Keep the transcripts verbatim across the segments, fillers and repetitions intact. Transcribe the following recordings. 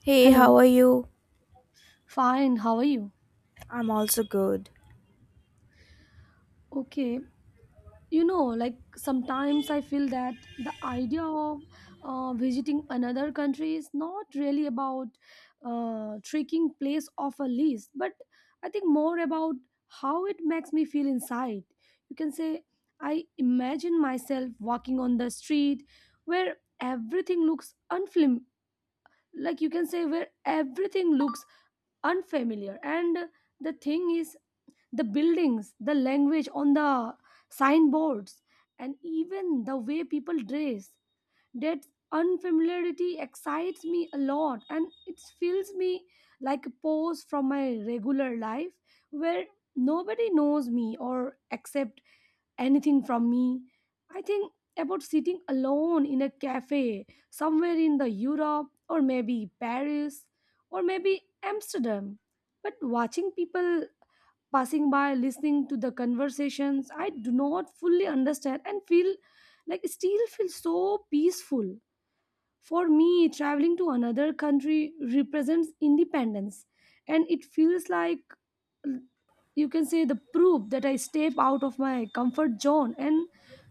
Hey, how Hello. are you? Fine, how are you? I'm also good. Okay, you know, like sometimes I feel that the idea of uh, visiting another country is not really about uh, tricking place off a list, but I think more about how it makes me feel inside. You can say, I imagine myself walking on the street where everything looks unflim, like you can say, where everything looks unfamiliar. And the thing is, the buildings, the language on the signboards, and even the way people dress. That unfamiliarity excites me a lot and it fills me like a pause from my regular life where nobody knows me or accept anything from me. I think about sitting alone in a cafe somewhere in the Europe or maybe Paris or maybe Amsterdam. But watching people passing by, listening to the conversations I do not fully understand and feel like still feel so peaceful. For me, traveling to another country represents independence and it feels like you can say the proof that I step out of my comfort zone and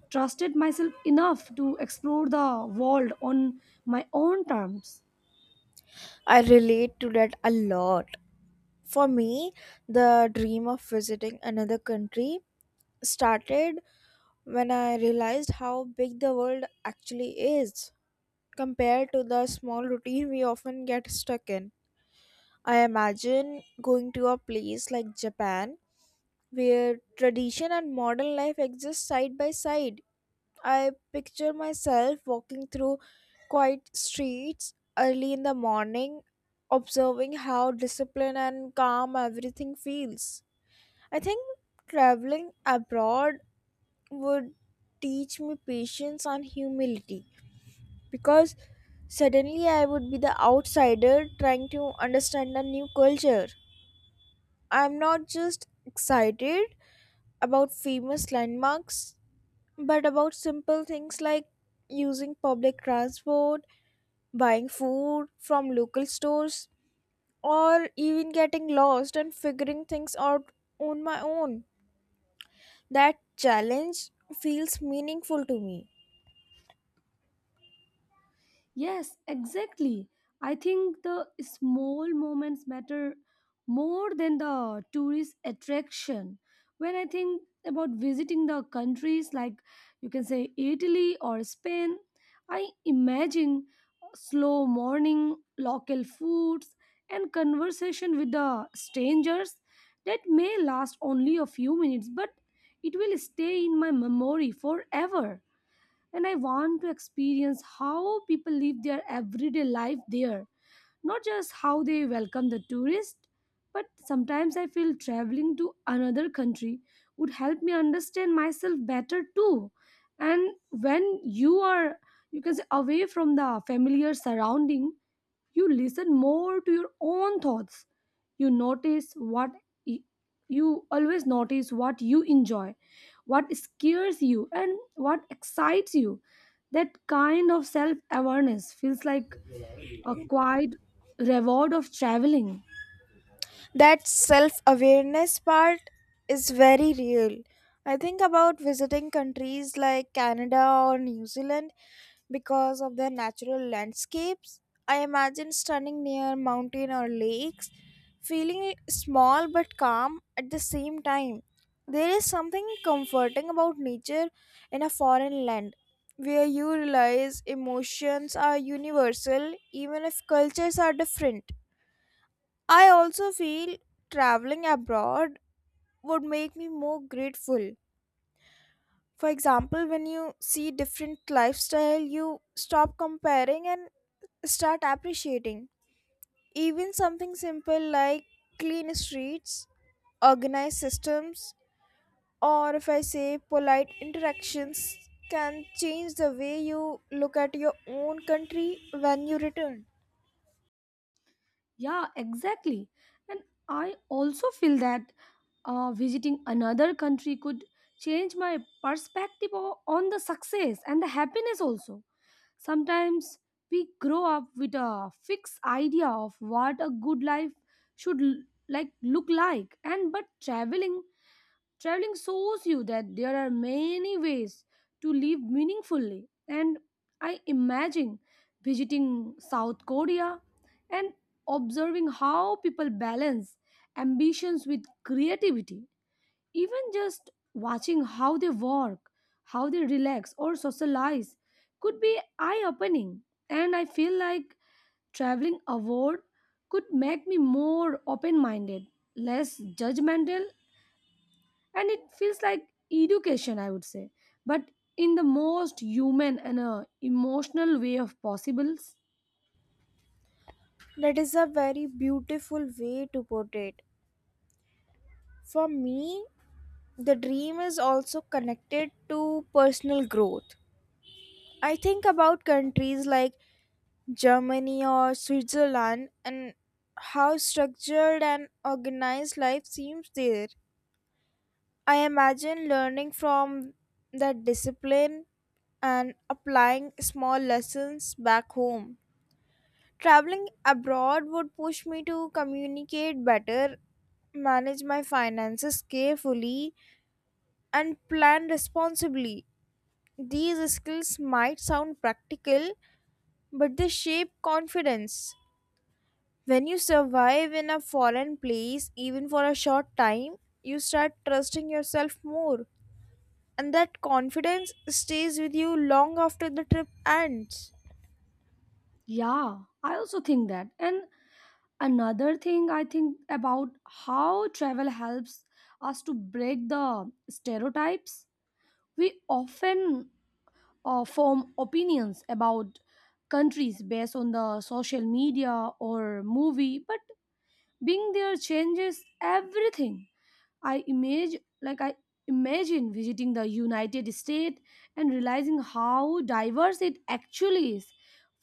trusted myself enough to explore the world on my own terms. I relate to that a lot. For me, the dream of visiting another country started when I realized how big the world actually is compared to the small routine we often get stuck in. I imagine going to a place like Japan where tradition and modern life exist side by side. I picture myself walking through quiet streets early in the morning, observing how disciplined and calm everything feels. I think traveling abroad would teach me patience and humility, because suddenly I would be the outsider trying to understand a new culture. I'm not just excited about famous landmarks, but about simple things like using public transport, buying food from local stores, or even getting lost and figuring things out on my own. That challenge feels meaningful to me. Yes, exactly. I think the small moments matter more than the tourist attraction. When I think about visiting the countries like you can say Italy or Spain, I imagine slow morning, local foods, and conversation with the strangers that may last only a few minutes, but it will stay in my memory forever. And I want to experience how people live their everyday life there, not just how they welcome the tourist. But sometimes I feel traveling to another country would help me understand myself better too. And when you are, you can say, away from the familiar surrounding, you listen more to your own thoughts. You notice what y- you always notice what you enjoy, what scares you and what excites you. That kind of self awareness feels like a quiet reward of traveling. That self awareness part is very real. I think about visiting countries like Canada or New Zealand because of their natural landscapes. I imagine standing near mountain or lakes, feeling small but calm at the same time. There is something comforting about nature in a foreign land, where you realize emotions are universal even if cultures are different. I also feel traveling abroad would make me more grateful. For example, when you see different lifestyle, you stop comparing and start appreciating. Even something simple like clean streets, organized systems, or if I say polite interactions can change the way you look at your own country when you return. Yeah, exactly. And I also feel that uh, visiting another country could change my perspective o- on the success and the happiness also. Sometimes we grow up with a fixed idea of what a good life should l- like look like, and but traveling traveling shows you that there are many ways to live meaningfully. And I imagine visiting South Korea and observing how people balance ambitions with creativity. Even just watching how they work, how they relax or socialize could be eye opening. And I feel like traveling abroad could make me more open minded, less judgmental, and it feels like education, I would say, but in the most human and uh, emotional way of possibles. That is a very beautiful way to put it. For me, the dream is also connected to personal growth. I think about countries like Germany or Switzerland and how structured and organized life seems there. I imagine learning from that discipline and applying small lessons back home. Traveling abroad would push me to communicate better, manage my finances carefully, and plan responsibly. These skills might sound practical, but they shape confidence. When you survive in a foreign place, even for a short time, you start trusting yourself more. And that confidence stays with you long after the trip ends. Yeah, I also think that. And another thing I think about, how travel helps us to break the stereotypes we often uh, form opinions about countries based on the social media or movie, but being there changes everything. I imagine like i imagine visiting the United States and realizing how diverse it actually is,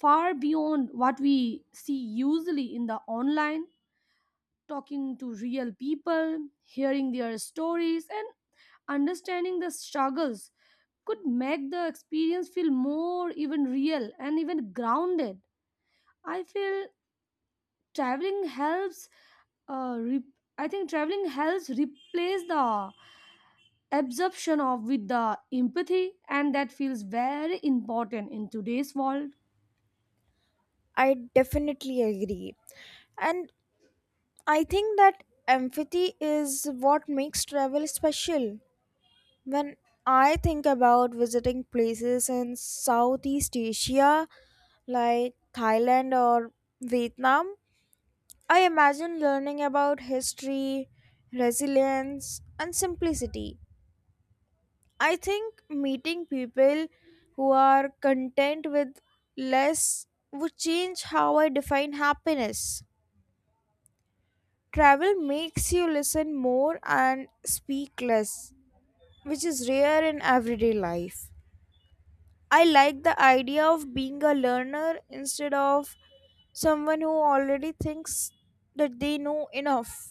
far beyond what we see usually in the online. Talking to real people, hearing their stories, and understanding the struggles could make the experience feel more even real and even grounded. I feel traveling helps. Uh, re- I think traveling helps replace the absorption of with the empathy, and that feels very important in today's world. I definitely agree. And I think that empathy is what makes travel special. When I think about visiting places in Southeast Asia like Thailand or Vietnam, I imagine learning about history, resilience, and simplicity. I think meeting people who are content with less would change how I define happiness. Travel makes you listen more and speak less, which is rare in everyday life. I like the idea of being a learner instead of someone who already thinks that they know enough.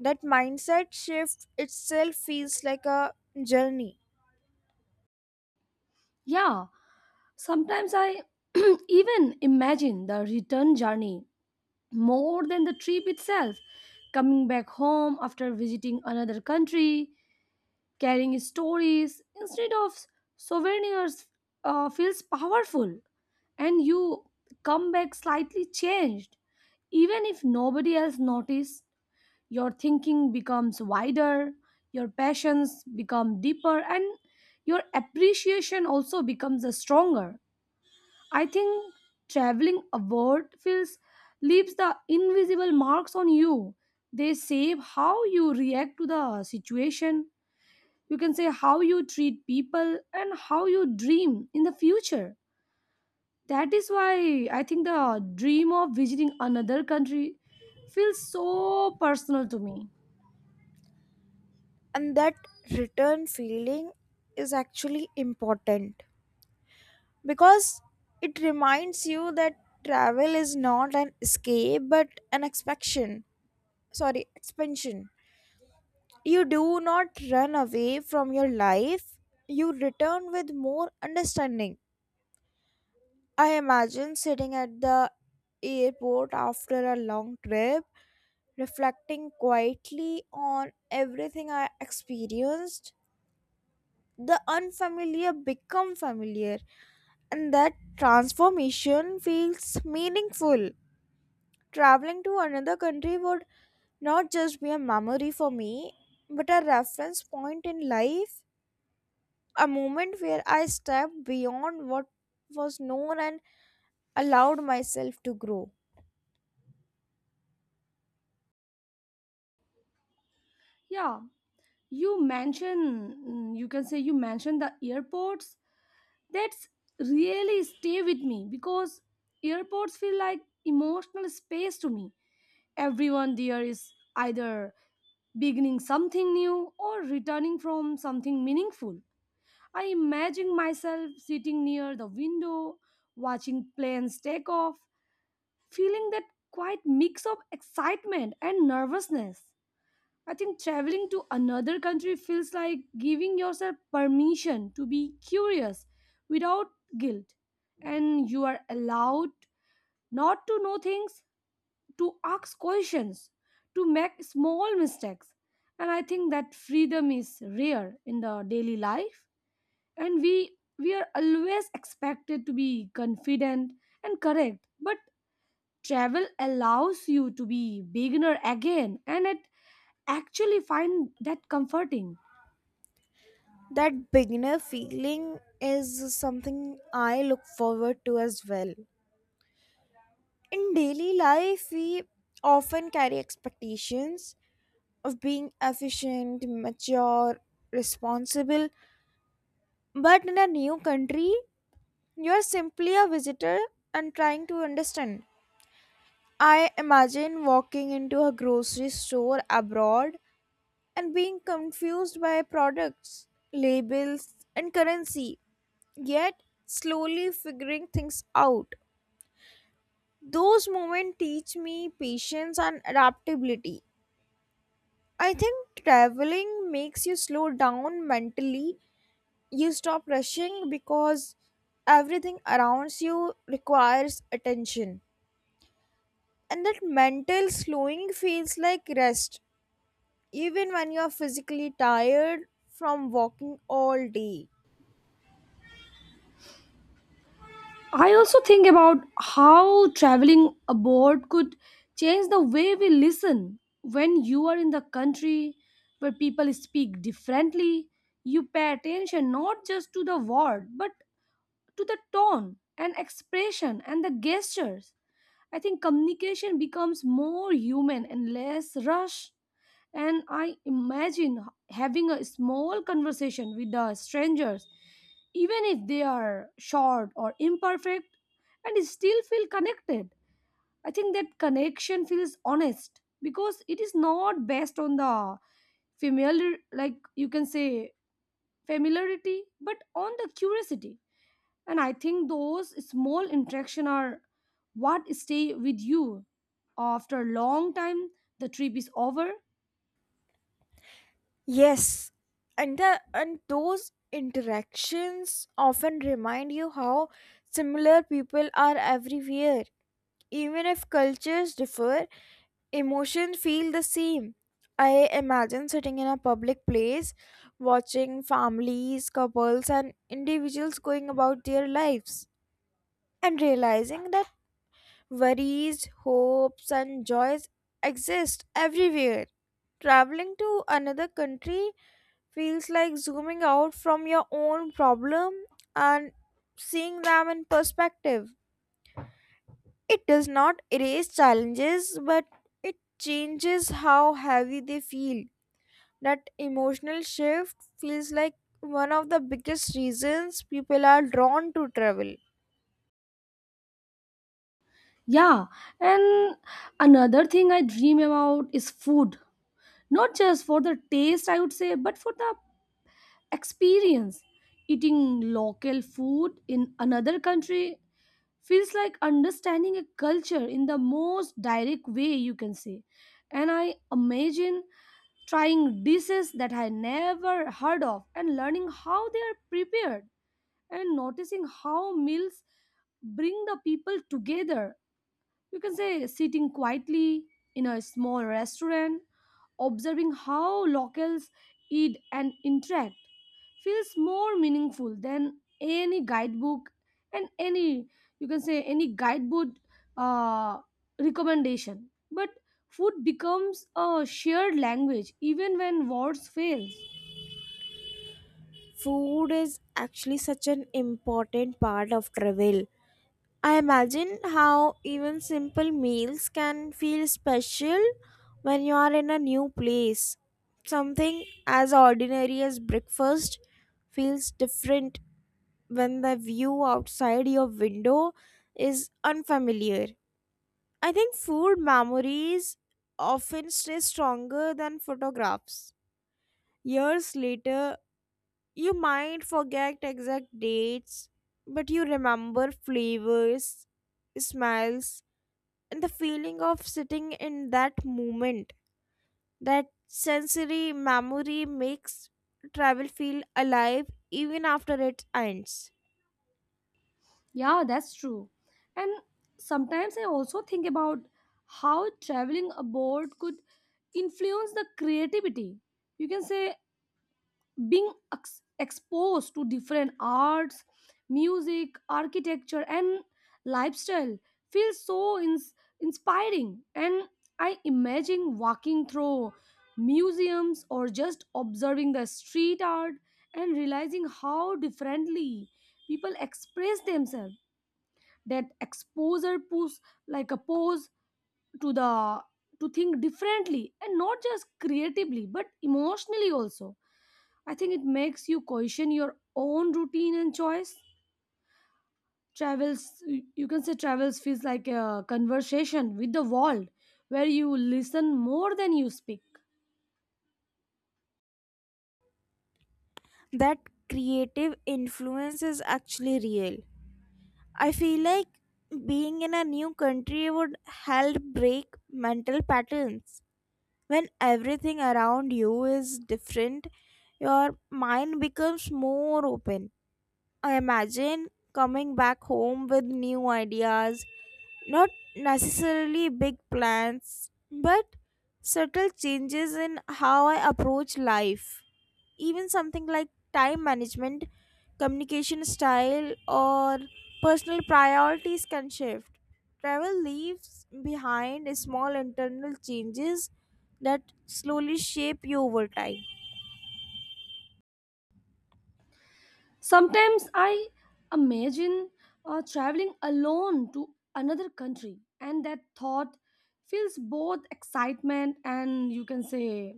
That mindset shift itself feels like a journey, Yeah, sometimes I even imagine the return journey more than the trip itself. Coming back home after visiting another country, carrying stories instead of souvenirs uh, feels powerful, and you come back slightly changed. Even if nobody else notices, your thinking becomes wider, your passions become deeper, and your appreciation also becomes stronger. I think traveling abroad feels leaves the invisible marks on you. They save how you react to the situation. You can say how you treat people and how you dream in the future. That is why I think the dream of visiting another country feels so personal to me. and that return feeling is actually important because it reminds you that travel is not an escape but an expansion. Sorry, expansion. You do not run away from your life, you return with more understanding. I imagine sitting at the airport after a long trip, reflecting quietly on everything I experienced. The unfamiliar become familiar, and that transformation feels meaningful. Traveling to another country would not just be a memory for me, but a reference point in life, a moment where I stepped beyond what was known and allowed myself to grow. Yeah, you mentioned, you can say you mentioned the airports. That's really stay with me because airports feel like emotional space to me. Everyone there is either beginning something new or returning from something meaningful. I imagine myself sitting near the window, watching planes take off, feeling that quite mix of excitement and nervousness. I think traveling to another country feels like giving yourself permission to be curious without guilt. And you are allowed not to know things, to ask questions, to make small mistakes. And I think that freedom is rare in the daily life. And we, we are always expected to be confident and correct. But travel allows you to be beginner again. And it actually find that comforting. That beginner feeling is something I look forward to as well. In daily life, we often carry expectations of being efficient, mature, responsible, but in a new country, you are simply a visitor and trying to understand. I imagine walking into a grocery store abroad and being confused by products, labels, and currency, yet slowly figuring things out. Those moments teach me patience and adaptability. I think traveling makes you slow down mentally. You stop rushing because everything around you requires attention. And that mental slowing feels like rest even when you're physically tired from walking all day. I also think about how traveling abroad could change the way we listen. When you are in the country where people speak differently, you pay attention not just to the word but to the tone and expression and the gestures. I think communication becomes more human and less rush. And I imagine having a small conversation with the strangers, even if they are short or imperfect, and still feel connected. I think that connection feels honest because it is not based on the familiar, like you can say, familiarity, but on the curiosity. And I think those small interaction are what stay with you after a long time the trip is over. Yes, and the, and those interactions often remind you how similar people are everywhere. Even if cultures differ, emotions feel the same. I imagine sitting in a public place, watching families, couples, and individuals going about their lives, and realizing that worries, hopes, and joys exist everywhere. Traveling to another country feels like zooming out from your own problem and seeing them in perspective. It does not erase challenges, but it changes how heavy they feel. That emotional shift feels like one of the biggest reasons people are drawn to travel. Yeah, and another thing I dream about is food, not just for the taste I would say but for the experience. Eating local food in another country feels like understanding a culture in the most direct way, you can say. And I imagine trying dishes that I never heard of, and learning how they are prepared, and noticing how meals bring the people together. You can say sitting quietly in a small restaurant, observing how locals eat and interact feels more meaningful than any guidebook and any, you can say, any guidebook uh, recommendation. But food becomes a shared language even when words fails. Food is actually such an important part of travel. I imagine how even simple meals can feel special when you are in a new place. Something as ordinary as breakfast feels different when the view outside your window is unfamiliar. I think food memories often stay stronger than photographs. Years later, you might forget exact dates, but you remember flavors, smells, and the feeling of sitting in that moment. That sensory memory makes travel feel alive even after it ends. Yeah, that's true. And sometimes I also think about how traveling abroad could influence the creativity, you can say. Being ex- exposed to different arts, music, architecture and lifestyle feels so ins- inspiring. And I imagine walking through museums or just observing the street art and realizing how differently people express themselves. That exposure push like a pose to the to think differently, and not just creatively but emotionally also. I think it makes you question your own routine and choice. Travels, you can say, travels feels like a conversation with the world where you listen more than you speak. That creative influence is actually real. I feel like being in a new country would help break mental patterns. When everything around you is different, your mind becomes more open. I imagine coming back home with new ideas. Not necessarily big plans, but subtle changes in how I approach life. Even something like time management, communication style, or personal priorities can shift. Travel leaves behind small internal changes that slowly shape you over time. Sometimes I imagine uh, traveling alone to another country, and that thought feels both excitement and you can say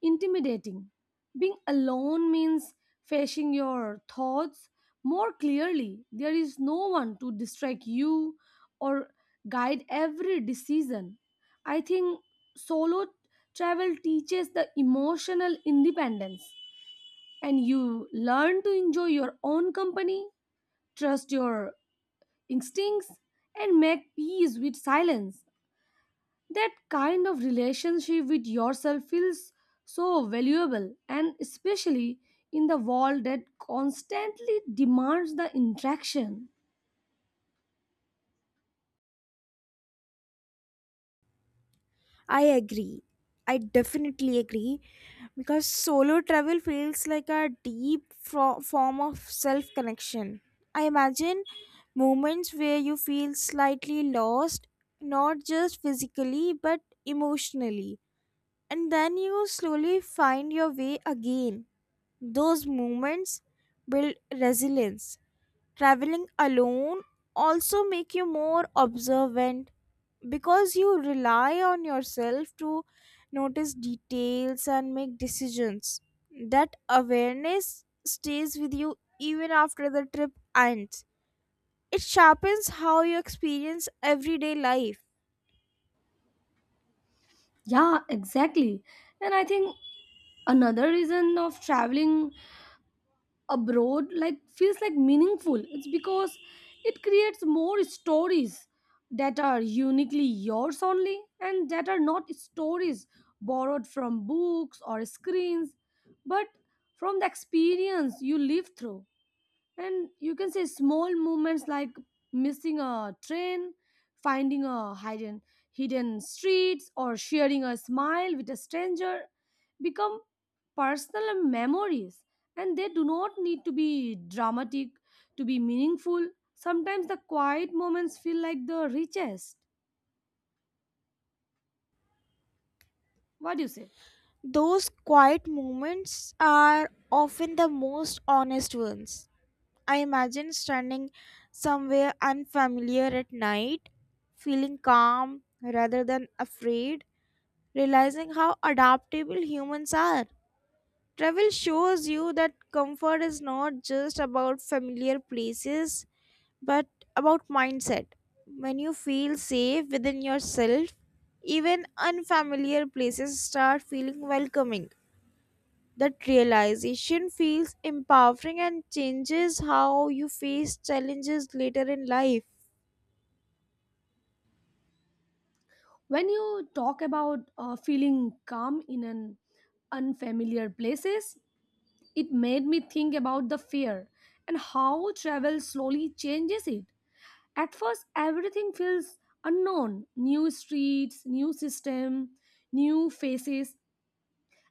intimidating. Being alone means facing your thoughts more clearly. There is no one to distract you or guide every decision. I think solo travel teaches the emotional independence, and you learn to enjoy your own company, trust your instincts, and make peace with silence. That kind of relationship with yourself feels so valuable, and especially in the world that constantly demands the interaction. I agree. I definitely agree. Because solo travel feels like a deep fro- form of self connection. I imagine moments where you feel slightly lost, not just physically but emotionally, and then you slowly find your way again. Those moments build resilience. Traveling alone also make you more observant because you rely on yourself to notice details and make decisions. That awareness stays with you even after the trip ends. It sharpens how you experience everyday life. Yeah, exactly. And I think another reason of traveling abroad like feels like meaningful, it's because it creates more stories that are uniquely yours only, and that are not stories borrowed from books or screens but from the experience you live through. And you can say small movements like missing a train, finding a hidden hidden streets or sharing a smile with a stranger become personal memories. And they do not need to be dramatic to be meaningful. Sometimes the quiet moments feel like the richest, what do you say. Those quiet moments are often the most honest ones. I imagine standing somewhere unfamiliar at night, feeling calm rather than afraid, realizing how adaptable humans are. Travel shows you that comfort is not just about familiar places, but about mindset. When you feel safe within yourself, even unfamiliar places start feeling welcoming. That realization feels empowering and changes how you face challenges later in life. When you talk about uh, feeling calm in an unfamiliar places, it made me think about the fear and how travel slowly changes it. At first, everything feels unknown, new streets, new system, new faces,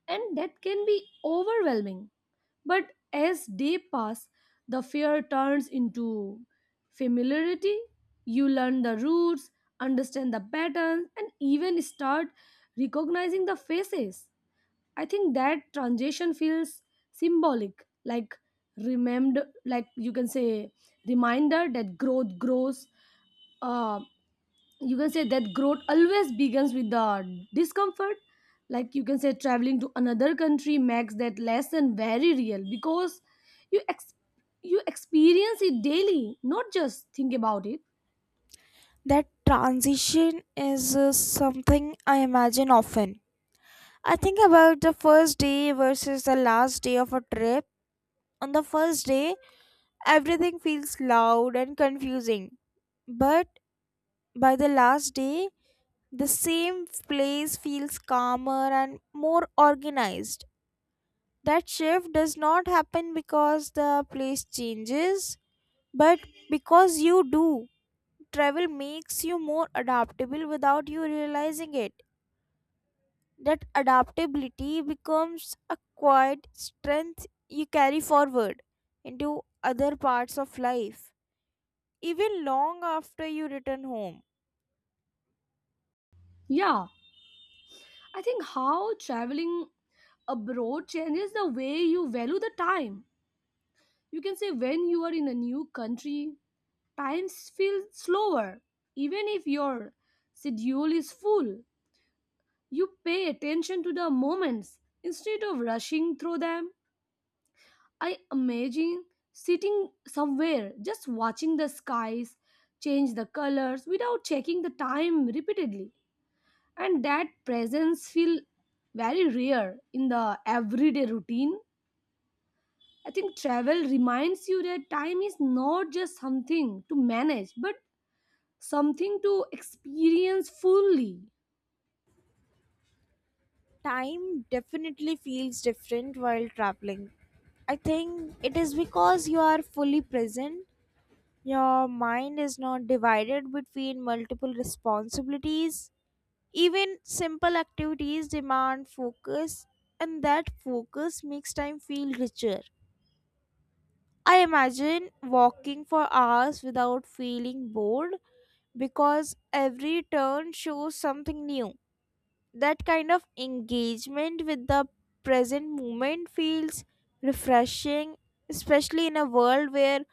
and that can be overwhelming. But as day pass, the fear turns into familiarity. You learn the routes, understand the patterns, and even start recognizing the faces. I think that transition feels symbolic, like remembered, like you can say reminder that growth grows. Uh, you can say that growth always begins with the discomfort. Like you can say traveling to another country makes that lesson very real because you ex- you experience it daily, not just think about it. That transition is uh, something I imagine often. I think about the first day versus the last day of a trip. On the first day, everything feels loud and confusing. But by the last day, the same place feels calmer and more organized. That shift does not happen because the place changes, but because you do. Travel makes you more adaptable without you realizing it. That adaptability becomes a quiet strength you carry forward into other parts of life, even long after you return home. Yeah, I think how traveling abroad changes the way you value the time, you can say. When you are in a new country, time feels slower, even if your schedule is full. You pay attention to the moments instead of rushing through them. I imagine sitting somewhere just watching the skies change the colors without checking the time repeatedly, and that presence feel very rare in the everyday routine. I think travel reminds you that time is not just something to manage but something to experience fully. Time definitely feels different while traveling. I think it is because you are fully present. Your mind is not divided between multiple responsibilities. Even simple activities demand focus, and that focus makes time feel richer. I imagine walking for hours without feeling bored because every turn shows something new. That kind of engagement with the present moment feels refreshing, especially in a world where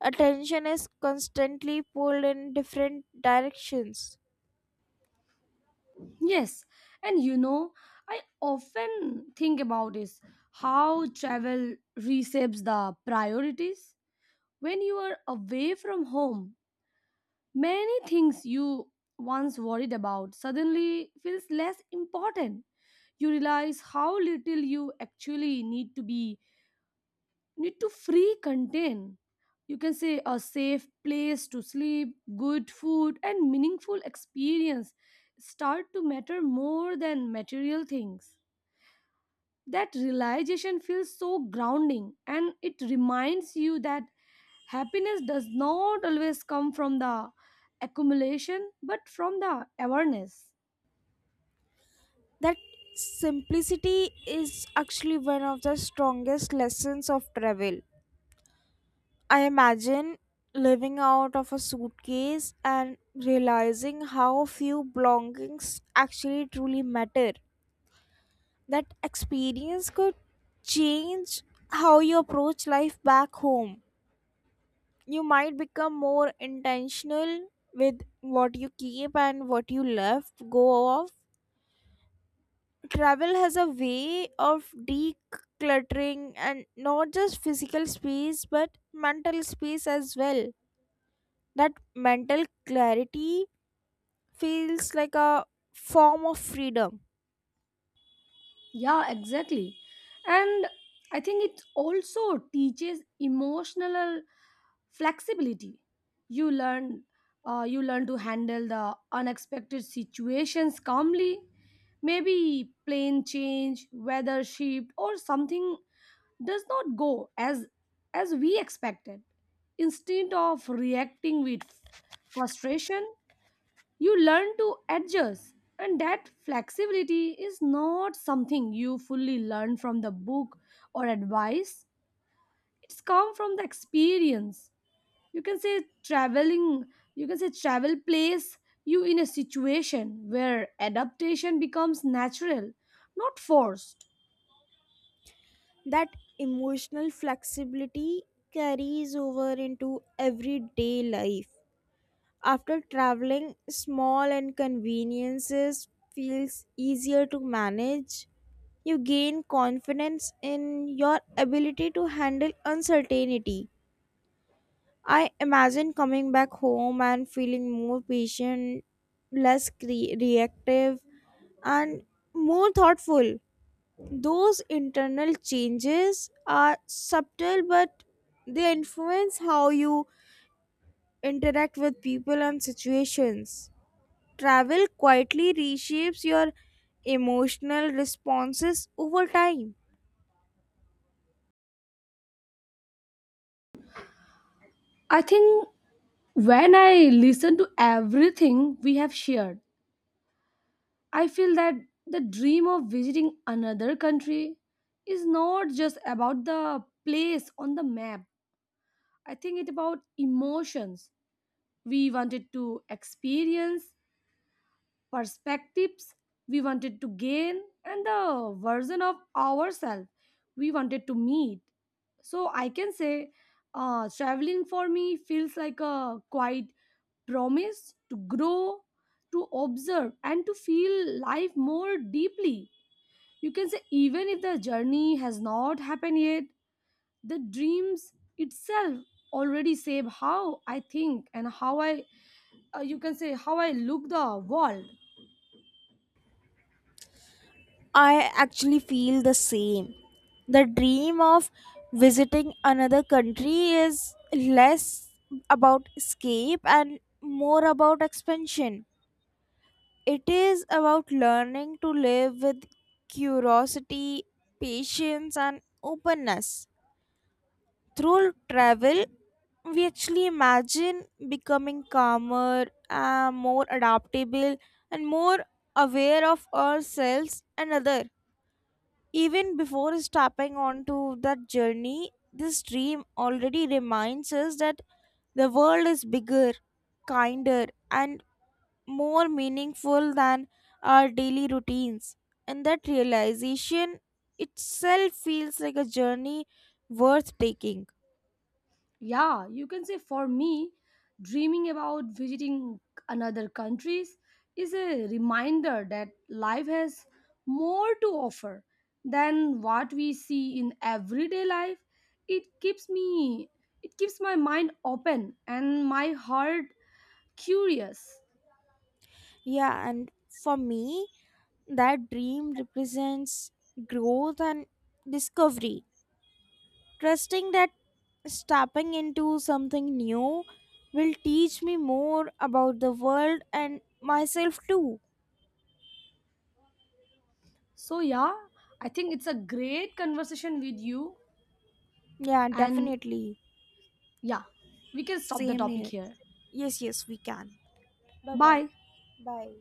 attention is constantly pulled in different directions. Yes, and you know, I often think about is how travel reshapes the priorities. When you are away from home, many things you once worried about suddenly feels less important. You realize how little you actually need to be need to free contain, you can say, a safe place to sleep, good food and meaningful experience start to matter more than material things. That realization feels so grounding, and it reminds you that happiness does not always come from the accumulation but from the awareness. That simplicity is actually one of the strongest lessons of travel. I imagine living out of a suitcase and realizing how few belongings actually truly matter. That experience could change how you approach life back home. You might become more intentional with what you keep and what you left go of. Travel has a way of decluttering, and not just physical space but mental space as well. That mental clarity feels like a form of freedom. Yeah, exactly. And I think it also teaches emotional flexibility. You learn uh, you learn to handle the unexpected situations calmly. Maybe plane change, weather shift or something does not go as as we expected. Instead of reacting with frustration, you learn to adjust, and that flexibility is not something you fully learn from the book or advice. It's come from the experience. You can say traveling, you can say travel place you in a situation where adaptation becomes natural, not forced. That emotional flexibility carries over into everyday life. After traveling, small inconveniences feels easier to manage. You gain confidence in your ability to handle uncertainty. I imagine coming back home and feeling more patient, less cre- reactive, and more thoughtful. Those internal changes are subtle, but they influence how you interact with people and situations. Travel quietly reshapes your emotional responses over time. I think when I listen to everything we have shared, I feel that the dream of visiting another country is not just about the place on the map. I think it's about emotions we wanted to experience, perspectives we wanted to gain, and the version of ourselves we wanted to meet. So I can say uh, traveling for me feels like a quite promise to grow, to observe, and to feel life more deeply. You can say even if the journey has not happened yet, the dreams itself already shape how I think and how I, uh, you can say, how I look the world. I actually feel the same. The dream of visiting another country is less about escape and more about expansion. It is about learning to live with curiosity, patience, and openness. Through travel, we actually imagine becoming calmer, uh, more adaptable, and more aware of ourselves and other. Even before stepping onto that journey, this dream already reminds us that the world is bigger, kinder, and more meaningful than our daily routines. And that realization itself feels like a journey worth taking. Yeah, you can say for me, dreaming about visiting another countries is a reminder that life has more to offer than what we see in everyday life. It keeps me, it keeps my mind open and my heart curious. Yeah, and for me, that dream represents growth and discovery. Trusting that stepping into something new will teach me more about the world and myself too. So yeah, I think it's a great conversation with you. Yeah, And definitely. yeah, we can stop the Same topic here. here. Yes, yes, we can. Bye bye. Bye. Bye.